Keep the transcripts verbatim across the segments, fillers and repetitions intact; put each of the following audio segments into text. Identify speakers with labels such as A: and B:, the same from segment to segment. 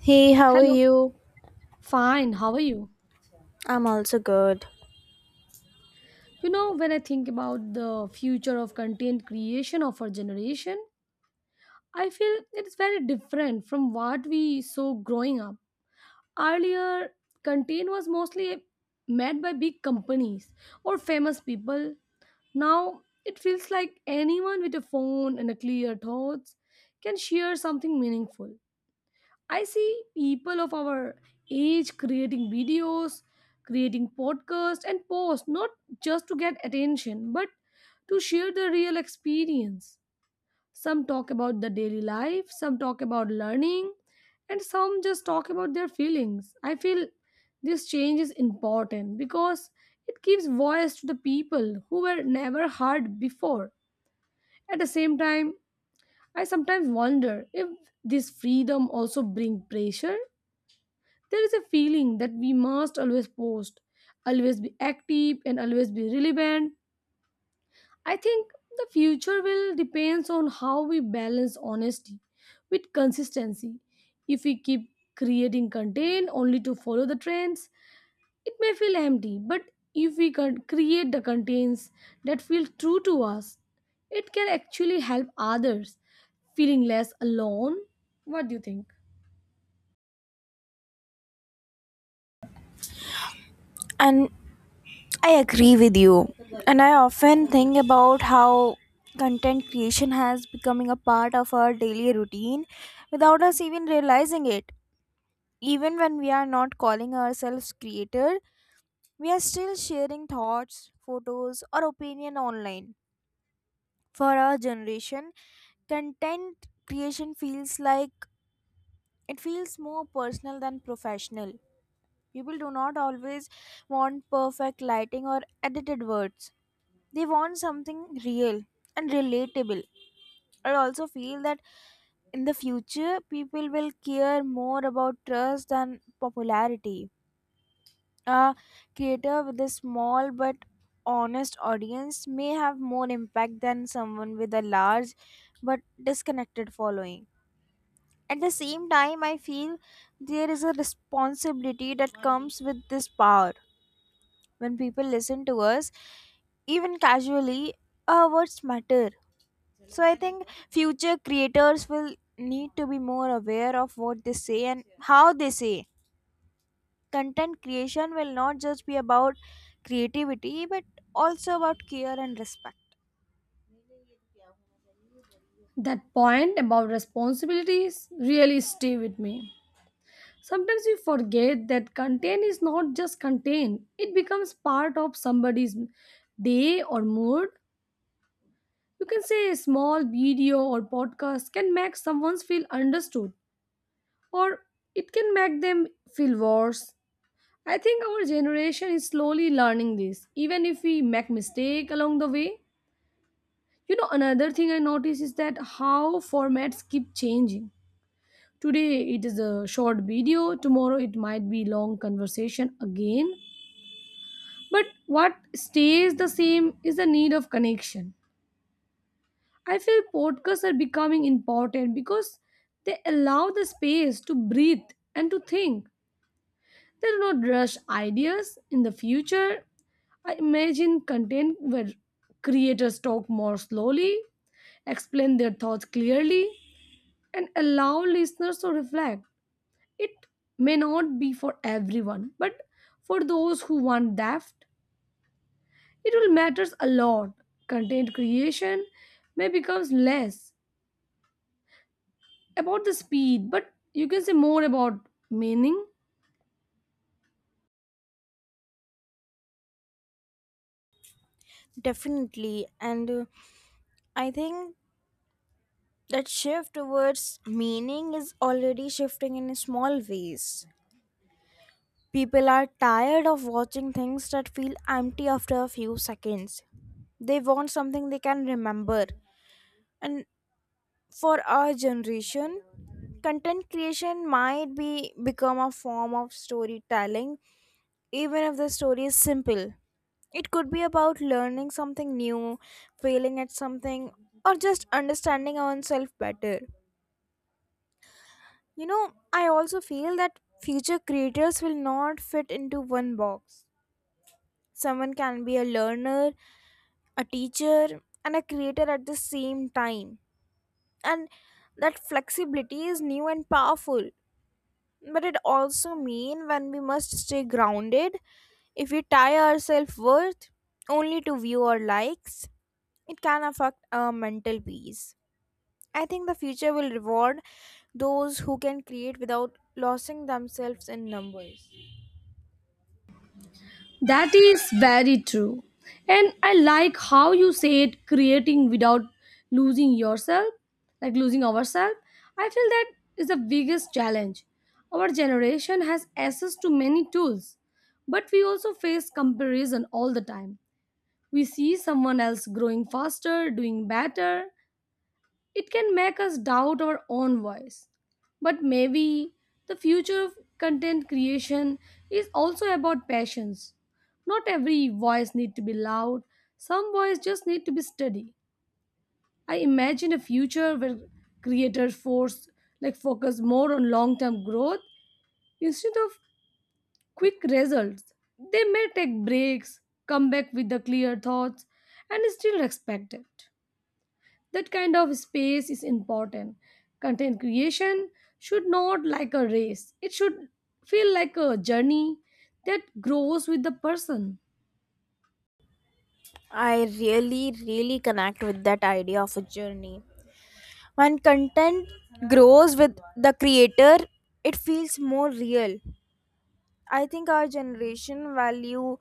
A: Hey, how are
B: Hello.
A: you?
B: Fine. How are you?
A: I'm also good.
B: You know, when I think about the future of content creation of our generation, I feel it is very different from what we saw growing up. Earlier, content was mostly made by big companies or famous people. Now, it feels like anyone with a phone and a clear thoughts can share something meaningful. I see people of our age creating videos, creating podcasts, and posts not just to get attention, but to share their real experience. Some talk about the daily life, some talk about learning, and some just talk about their feelings. I feel this change is important because it gives voice to the people who were never heard before. At the same time, I sometimes wonder if this freedom also bring pressure. There is a feeling that we must always post, always be active, and always be relevant. I think the future will depends on how we balance honesty with consistency. If we keep creating content only to follow the trends, it may feel empty, but if we can create the contents that feel true to us, it can actually help others feeling less alone. What do you think?
A: And I agree with you. And I often think about how content creation has becoming a part of our daily routine without us even realizing it. Even when we are not calling ourselves creator, we are still sharing thoughts, photos or opinion online. For our generation, content creation feels like it feels more personal than professional. People do not always want perfect lighting or edited words. They want something real and relatable. I also feel that in the future, people will care more about trust than popularity. A creator with a small but honest audience may have more impact than someone with a large but disconnected following. At the same time, I feel there is a responsibility that comes with this power. When people listen to us even casually, our words matter. So I think future creators will need to be more aware of what they say and how they say. Content creation will not just be about creativity but also about care and respect.
B: That point about responsibilities really stay with me. Sometimes we forget that content is not just content, it becomes part of somebody's day or mood. You can say a small video or podcast can make someone feel understood, or it can make them feel worse. I think our generation is slowly learning this, even if we make mistake along the way. You know, another thing I notice is that how formats keep changing. Today it is a short video, tomorrow it might be long conversation again. But what stays the same is the need of connection. I feel podcasts are becoming important because they allow the space to breathe and to think. They do not rush ideas in the future. I imagine content where creators talk more slowly, explain their thoughts clearly, and allow listeners to reflect. It may not be for everyone, but for those who want depth, it will matters a lot. Content creation may becomes less about the speed, but you can say more about meaning.
A: Definitely, and uh, I think that shift towards meaning is already shifting in small ways. People are tired of watching things that feel empty after a few seconds. They want something they can remember. And for our generation, content creation might be become a form of storytelling even if the story is simple. It could be about learning something new, failing at something, or just understanding oneself better. You know, I also feel that future creators will not fit into one box. Someone can be a learner, a teacher, and a creator at the same time. And that flexibility is new and powerful. But it also means when we must stay grounded, if we tie our self worth only to view or likes, it can affect our mental peace. I think the future will reward those who can create without losing themselves in numbers.
B: That is very true. And I like how you said creating without losing yourself, like losing ourselves. I feel that is the biggest challenge. Our generation has access to many tools, but we also face comparison all the time. We see someone else growing faster, doing better, it can make us doubt our own voice. But maybe the future of content creation is also about passions. Not every voice needs to be loud, some voice just need to be steady. I imagine a future where creators force like focus more on long-term growth instead of quick results. They may take breaks, come back with the clear thoughts and still respect it. That kind of space is important. Content creation should not like a race. It should feel like a journey that grows with the person.
A: I really, really connect with that idea of a journey. When content grows with the creator, it feels more real. I think our generation value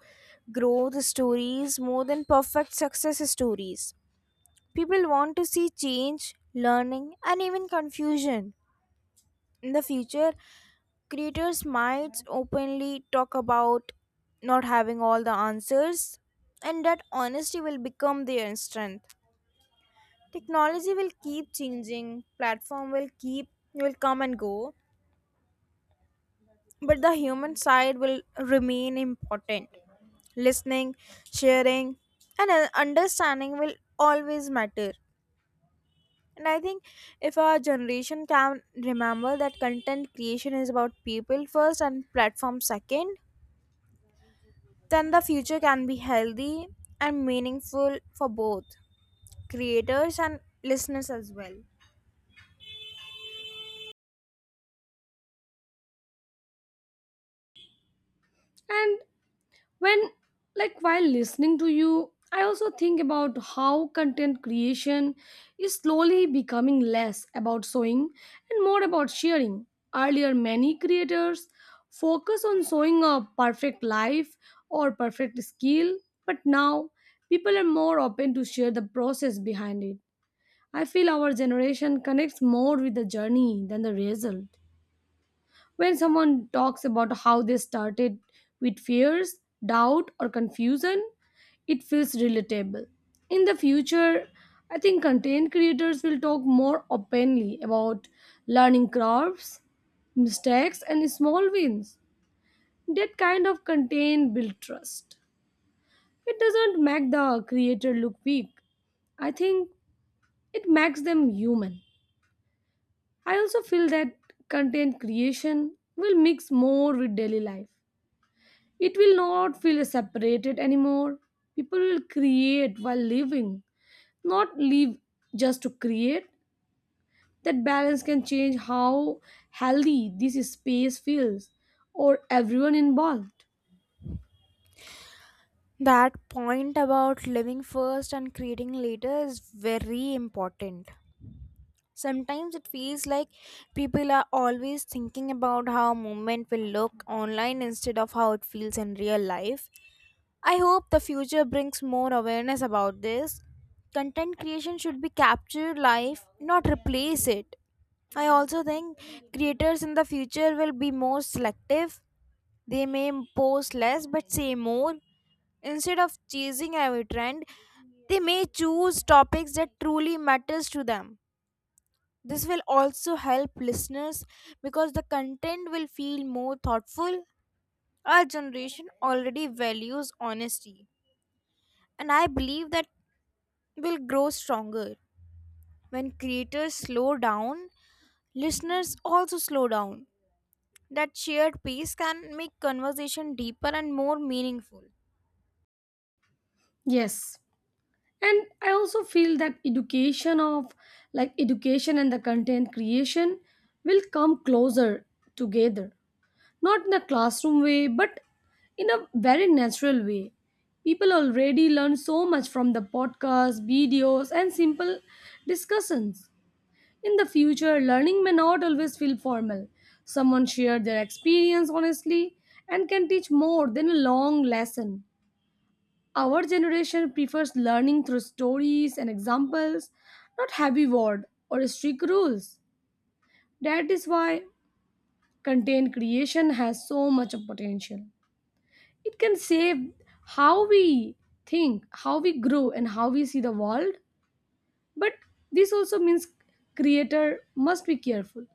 A: growth stories more than perfect success stories. People want to see change, learning, and even confusion. In the future, creators might openly talk about not having all the answers, and that honesty will become their strength. Technology will keep changing, platform will keep, will come and go, but the human side will remain important. Listening, sharing, and uh, understanding will always matter. And I think if our generation can remember that content creation is about people first and platform second, then the future can be healthy and meaningful for both creators and listeners as well.
B: And when like while listening to you, I also think about how content creation is slowly becoming less about sewing and more about sharing. Earlier, many creators focus on showing a perfect life or perfect skill, but now people are more open to share the process behind it. I feel our generation connects more with the journey than the result. When someone talks about how they started with fears, doubt, or confusion, it feels relatable. In the future, I think content creators will talk more openly about learning curves, mistakes, and small wins. That kind of content builds trust. It doesn't make the creator look weak. I think it makes them human. I also feel that content creation will mix more with daily life. It will not feel separated anymore. People will create while living, not live just to create. That balance can change how healthy this space feels or everyone involved.
A: That point about living first and creating later is very important. Sometimes it feels like people are always thinking about how movement will look online instead of how it feels in real life. I hope the future brings more awareness about this. Content creation should be captured life, not replace it. I also think creators in the future will be more selective. They may post less but say more. Instead of chasing every trend, they may choose topics that truly matters to them. This will also help listeners because the content will feel more thoughtful. Our generation already values honesty, and I believe that will grow stronger. When creators slow down, listeners also slow down. That shared pace can make conversation deeper and more meaningful.
B: Yes. And I also feel that education of like education and the content creation will come closer together, not in a classroom way, but in a very natural way. People already learn so much from the podcasts, videos, and simple discussions. In the future, learning may not always feel formal. Someone shared their experience honestly and can teach more than a long lesson. Our generation prefers learning through stories and examples, not heavy word or strict rules. That is why content creation has so much potential. It can save how we think, how we grow, and how we see the world. But this also means creator must be careful.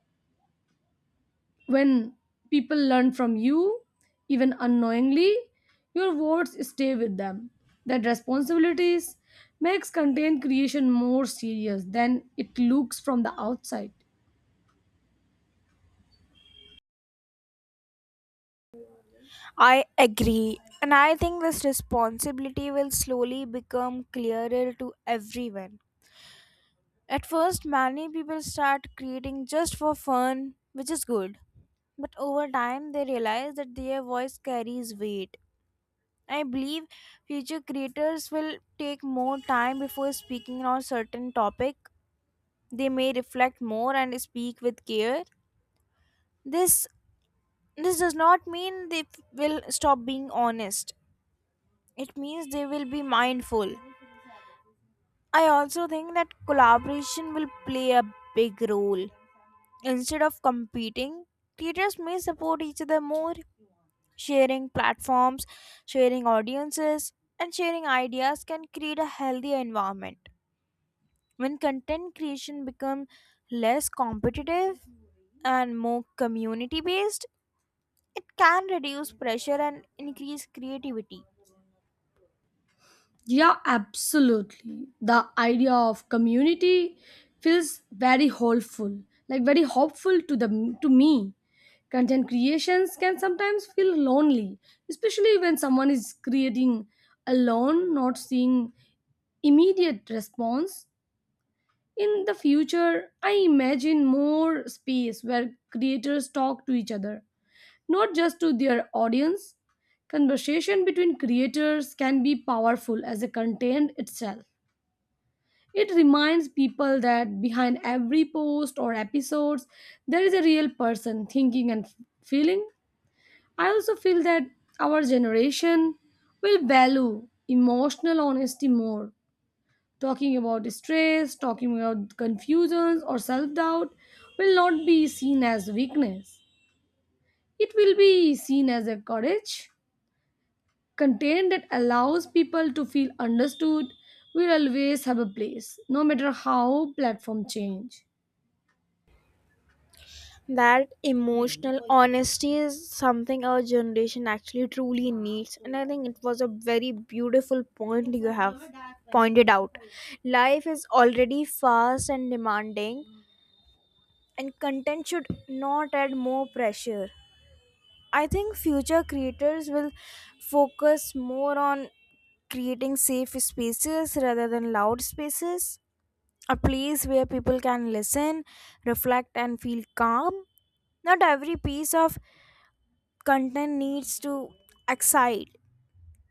B: When people learn from you, even unknowingly, your words stay with them. That responsibilities makes content creation more serious than it looks from the outside.
A: I agree, and I think this responsibility will slowly become clearer to everyone. At first, many people start creating just for fun, which is good. But over time, they realize that their voice carries weight. I believe future creators will take more time before speaking on certain topic. They may reflect more and speak with care. This this does not mean they f- will stop being honest. It means they will be mindful. I also think that collaboration will play a big role. Instead of competing, creators may support each other more. Sharing platforms, sharing audiences, and sharing ideas can create a healthier environment. When content creation becomes less competitive and more community based, it can reduce pressure and increase creativity.
B: Yeah, absolutely. The idea of community feels very hopeful, like very hopeful to the to me. Content creations can sometimes feel lonely, especially when someone is creating alone, not seeing immediate response. In the future, I imagine more space where creators talk to each other, not just to their audience. Conversation between creators can be powerful as a content itself. It reminds people that behind every post or episodes, there is a real person thinking and feeling. I also feel that our generation will value emotional honesty more. Talking about stress, talking about confusions or self doubt will not be seen as weakness. It will be seen as a courage. Content that allows people to feel understood will always have a place, no matter how platform change.
A: That emotional honesty is something our generation actually truly needs, and I think it was a very beautiful point you have pointed out. Life is already fast and demanding, and content should not add more pressure. I think future creators will focus more on creating safe spaces rather than loud spaces, a place where people can listen, reflect, and feel calm. Not every piece of content needs to excite.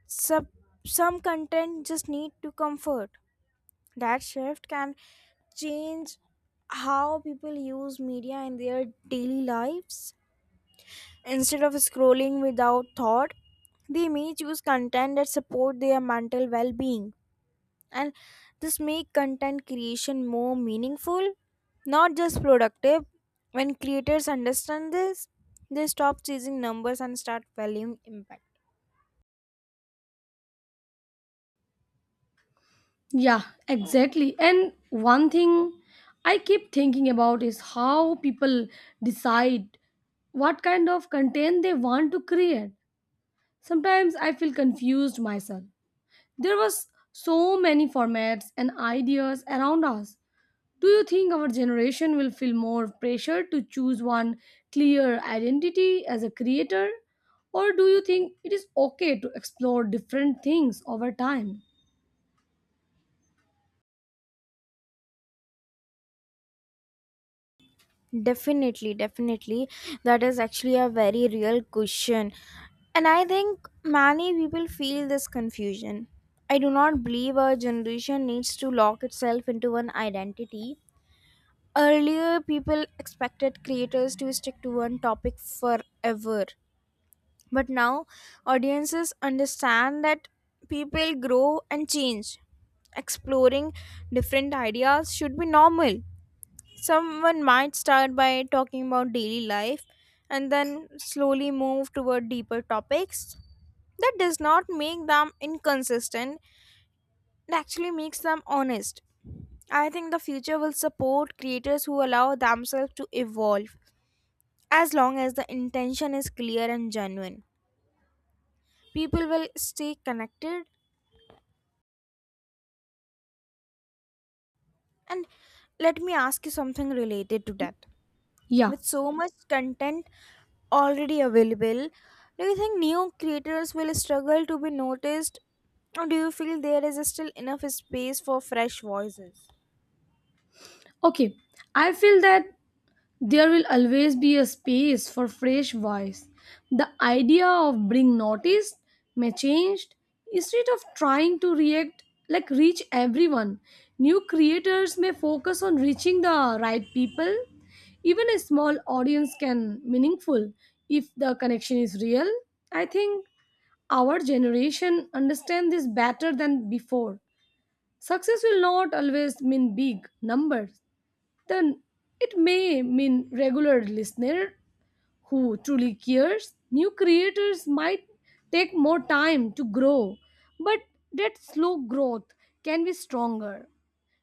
A: Some, some content just need to comfort. That shift can change how people use media in their daily lives. Instead of scrolling without thought, they may choose content that support their mental well-being. And this make content creation more meaningful, not just productive. When creators understand this, they stop chasing numbers and start valuing impact.
B: Yeah, exactly. And one thing I keep thinking about is how people decide what kind of content they want to create. Sometimes I feel confused myself. There was so many formats and ideas around us. Do you think our generation will feel more pressure to choose one clear identity as a creator? Or do you think it is okay to explore different things over time?
A: Definitely, definitely. That is actually a very real question. And I think many people feel this confusion. I do not believe our generation needs to lock itself into one identity. Earlier, people expected creators to stick to one topic forever. But now, audiences understand that people grow and change. Exploring different ideas should be normal. Someone might start by talking about daily life and then slowly move toward deeper topics. That does not make them inconsistent, it actually makes them honest. I think the future will support creators who allow themselves to evolve as long as the intention is clear and genuine. People will stay connected. And let me ask you something related to that.
B: Yeah,
A: With so much content already available, do you think new creators will struggle to be noticed, or do you feel there is still enough space for fresh voices?
B: okay. I feel that there will always be a space for fresh voice. The idea of being noticed may change. Instead of trying to react like reach everyone, new creators may focus on reaching the right people. Even a small audience can meaningful if the connection is real. I think our generation understand this better than before. Success will not always mean big numbers, then it may mean regular listener who truly cares. New creators might take more time to grow, but that slow growth can be stronger.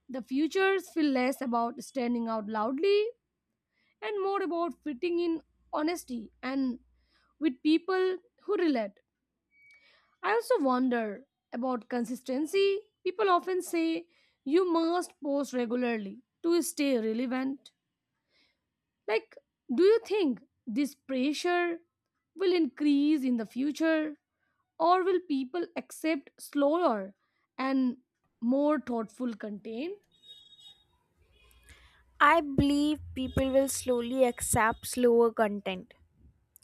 B: The futures feel less about standing out loudly and more about fitting in honesty and with people who relate. I also wonder about consistency. People often say you must post regularly to stay relevant. Like, do you think this pressure will increase in the future, or will people accept slower and more thoughtful content?
A: I believe people will slowly accept slower content.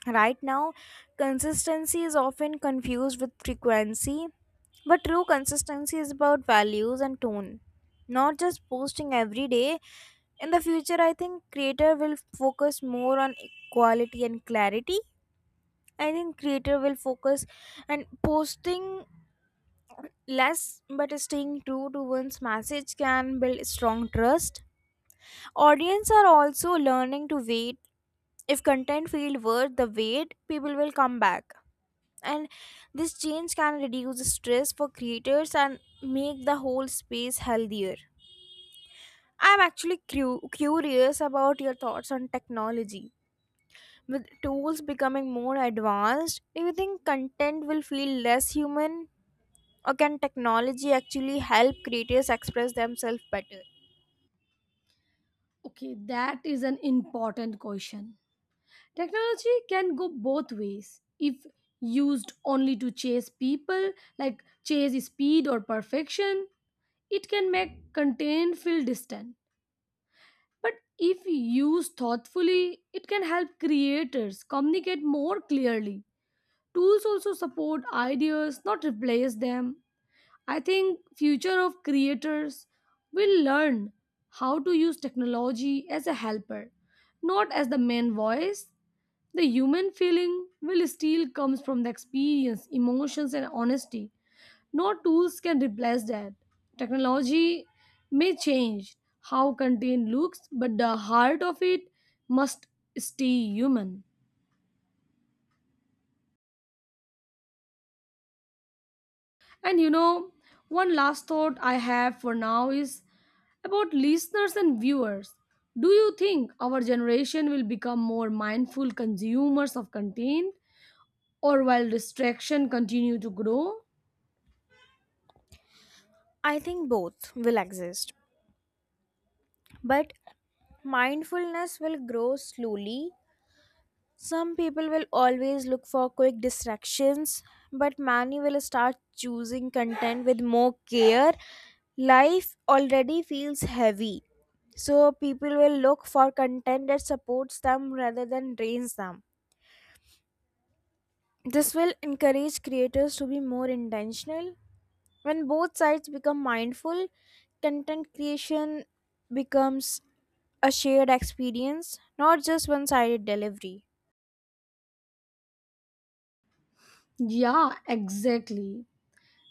A: Right now, consistency is often confused with frequency, but true consistency is about values and tone, not just posting every day. In the future, I think creator will focus more on quality and clarity. I think creator will focus and posting less but staying true to one's message can build strong trust. Audience are also learning to wait. If content feel worth the wait, people will come back. And this change can reduce the stress for creators and make the whole space healthier. I'm actually cu- curious about your thoughts on technology. With tools becoming more advanced, do you think content will feel less human, or can technology actually help creators express themselves better?
B: Okay, that is an important question. Technology can go both ways if used only to chase people, like chase speed or perfection. It can make content feel distant. But if used thoughtfully, it can help creators communicate more clearly. Tools also support ideas, not replace them. I think future of creators will learn how to use technology as a helper, not as the main voice. The human feeling will still comes from the experience, emotions and honesty. No tools can replace that. Technology may change how content looks, but the heart of it must stay human. And you know, one last thought I have for now is about listeners and viewers. Do you think our generation will become more mindful consumers of content or while distraction continue to grow?
A: I think both will exist, but mindfulness will grow slowly. Some people will always look for quick distractions, but many will start choosing content with more care. Life already feels heavy, so people will look for content that supports them rather than drains them. This will encourage creators to be more intentional. When both sides become mindful, content creation becomes a shared experience, not just one sided delivery.
B: Yeah, exactly.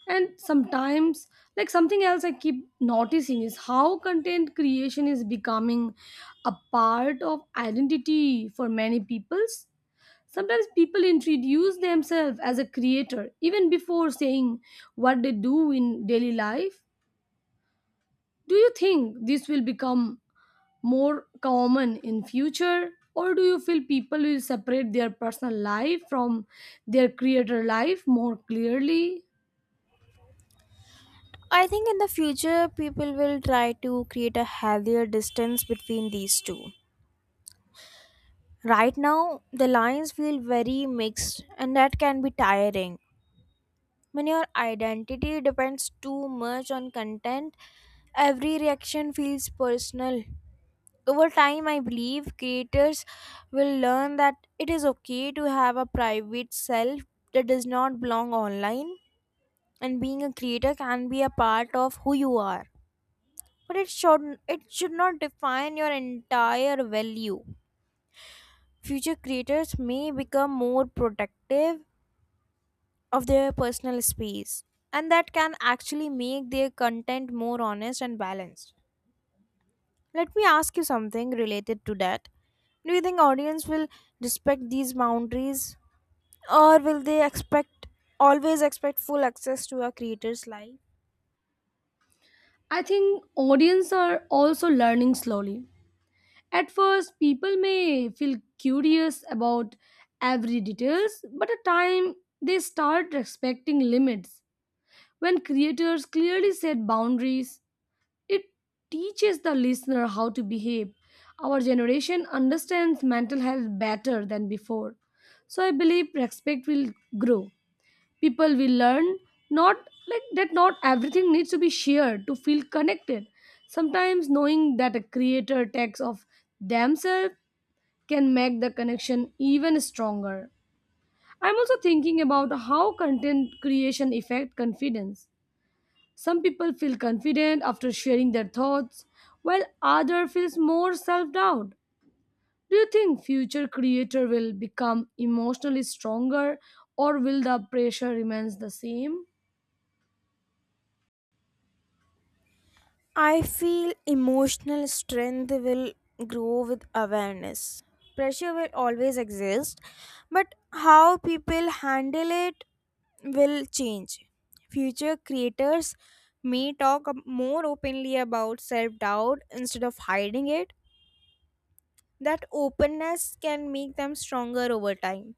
B: And sometimes like something else I keep noticing is how content creation is becoming a part of identity for many peoples. Sometimes people introduce themselves as a creator even before saying what they do in daily life. Do you think this will become more common in future, or do you feel people will separate their personal life from their creator life more clearly?
A: I think in the future, people will try to create a healthier distance between these two. Right now, the lines feel very mixed, and that can be tiring. When your identity depends too much on content, every reaction feels personal. Over time, I believe creators will learn that it is okay to have a private self that does not belong online, and being a creator can be a part of who you are. But it should it should not define your entire value. Future creators may become more protective of their personal space, and that can actually make their content more honest and balanced. Let me ask you something related to that. Do you think audience will respect these boundaries, or will they expect, always expect full access to a creator's life?
B: I think audience are also learning slowly. At first people may feel curious about every details, but at time they start respecting limits. When creators clearly set boundaries, it teaches the listener how to behave. Our generation understands mental health better than before. So I believe respect will grow. People will learn not like that not everything needs to be shared to feel connected. Sometimes knowing that a creator takes of themselves can make the connection even stronger. I'm also thinking about how content creation affect confidence. Some people feel confident after sharing their thoughts, while other feels more self-doubt. Do you think future creator will become emotionally stronger or will the pressure remains the same?
A: I feel emotional strength will grow with awareness. Pressure will always exist, but how people handle it will change. Future creators may talk ab- more openly about self doubt instead of hiding it. That openness can make them stronger over time.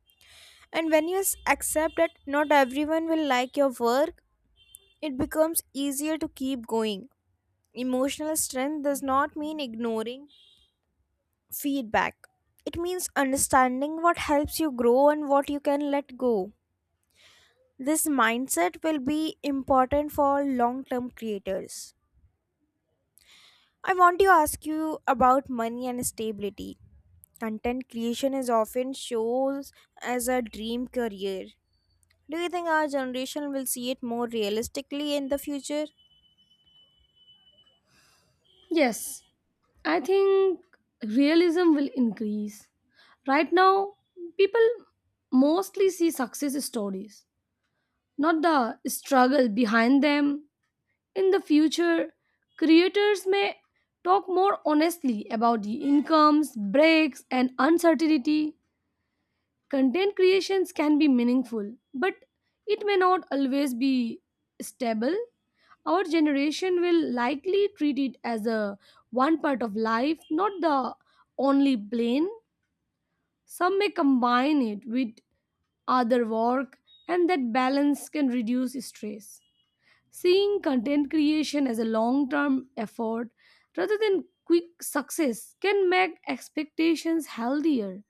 A: And when you s- accept that not everyone will like your work, it becomes easier to keep going. Emotional strength does not mean ignoring feedback. It means understanding what helps you grow and what you can let go. This mindset will be important for long term creators. I want to ask you about money and stability. Content creation is often shows as a dream career. Do you think our generation will see it more realistically in the future?
B: Yes, I think realism will increase. Right now, people mostly see success stories, not the struggle behind them. In the future, creators may talk more honestly about the incomes, breaks, and uncertainty. Content creations can be meaningful, but it may not always be stable. Our generation will likely treat it as a one part of life, not the only plane. Some may combine it with other work, and that balance can reduce stress. Seeing content creation as a long term effort rather than quick success can make expectations healthier.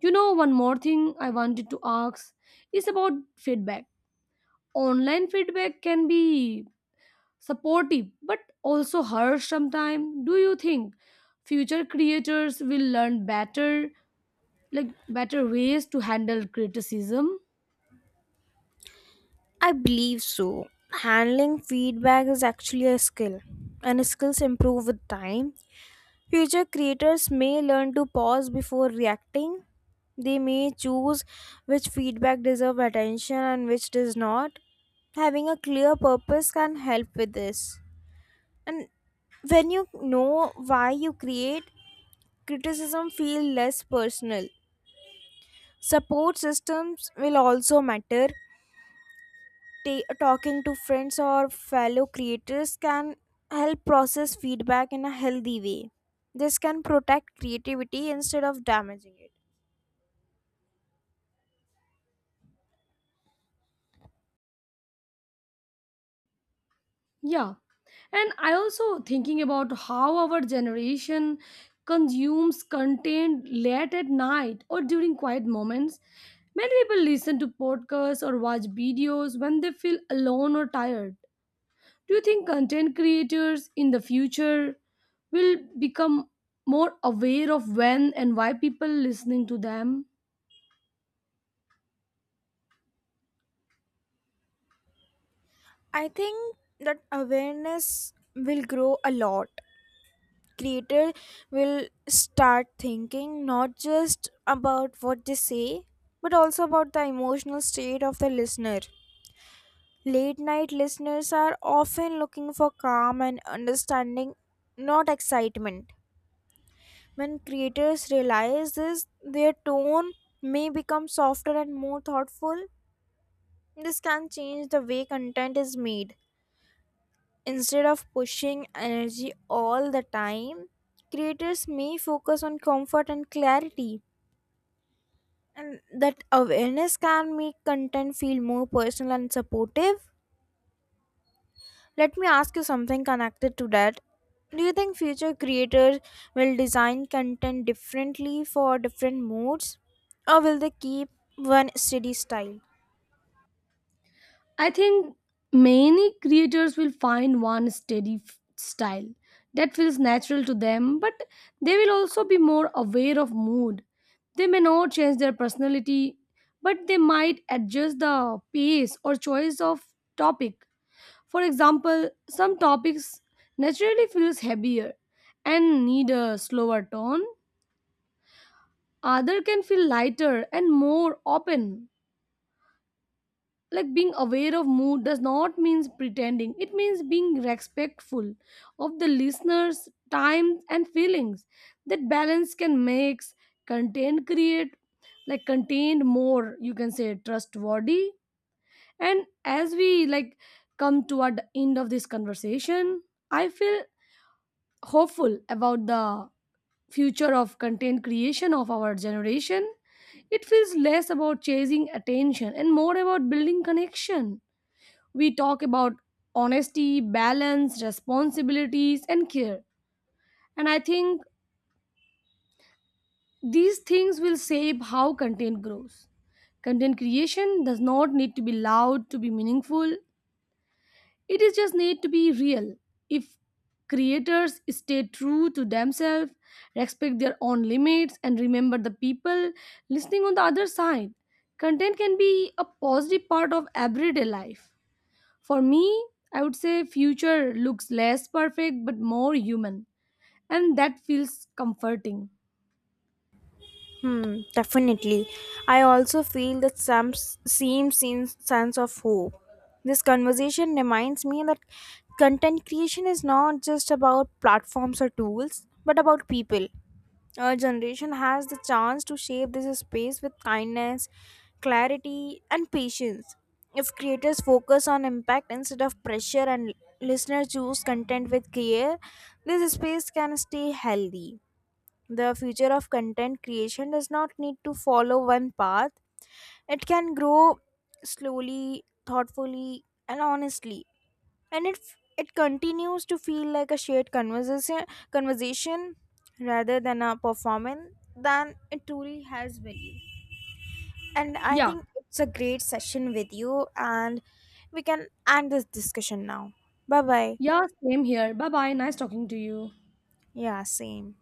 B: You know, one more thing I wanted to ask is about feedback. Online feedback can be supportive but also harsh sometimes. Do you think future creators will learn better, like better ways to handle criticism?
A: I believe so. Handling feedback is actually a skill, and skills improve with time. Future creators may learn to pause before reacting. They may choose which feedback deserve attention and which does not. Having a clear purpose can help with this. And when you know why you create, criticism feel less personal. Support systems will also matter. Ta- talking to friends or fellow creators can help process feedback in a healthy way. This can protect creativity instead of damaging it.
B: Yeah. And I also thinking about how our generation consumes content late at night or during quiet moments. Many people listen to podcasts or watch videos when they feel alone or tired. Do you think content creators in the future will become more aware of when and why people listening to them?
A: I think that awareness will grow a lot. Creator will start thinking not just about what they say, but also about the emotional state of the listener. Late night listeners are often looking for calm and understanding, not excitement. When creators realize this, their tone may become softer and more thoughtful. This can change the way content is made. Instead of pushing energy all the time, creators may focus on comfort and clarity. And that awareness can make content feel more personal and supportive. Let me ask you something connected to that. Do you think future creators will design content differently for different modes, or will they keep one steady style?
B: I think many creators will find one steady f- style that feels natural to them, but they will also be more aware of mood. They may not change their personality, but they might adjust the pace or choice of topic. For example, some topics naturally feels heavier and need a slower tone. Other can feel lighter and more open. Like being aware of mood does not means pretending, it means being respectful of the listener's time and feelings. That balance can makes content create like contained more, you can say trustworthy. And as we like come toward the end of this conversation, I feel hopeful about the future of content creation of our generation. It feels less about chasing attention and more about building connection. We talk about honesty, balance, responsibilities, and care. And I think these things will shape how content grows. Content creation does not need to be loud to be meaningful. It is just need to be real. If creators stay true to themselves, respect their own limits, and remember the people listening on the other side, content can be a positive part of everyday life. For me, I would say future looks less perfect but more human, and that feels comforting.
A: Hmm, definitely. I also feel that some s- same sen- sense of hope. This conversation reminds me that content creation is not just about platforms or tools, but about people. Our generation has the chance to shape this space with kindness, clarity, and patience. If creators focus on impact instead of pressure and listeners choose content with care, this space can stay healthy. The future of content creation does not need to follow one path, it can grow slowly, thoughtfully, and honestly. And it, it continues to feel like a shared conversation, conversation rather than a performance, then it truly has value. And I
B: Yeah,
A: think it's a great session with you, and we can end this discussion now. Bye bye.
B: yeah, same here. Bye bye. Nice talking to you.
A: Yeah, same.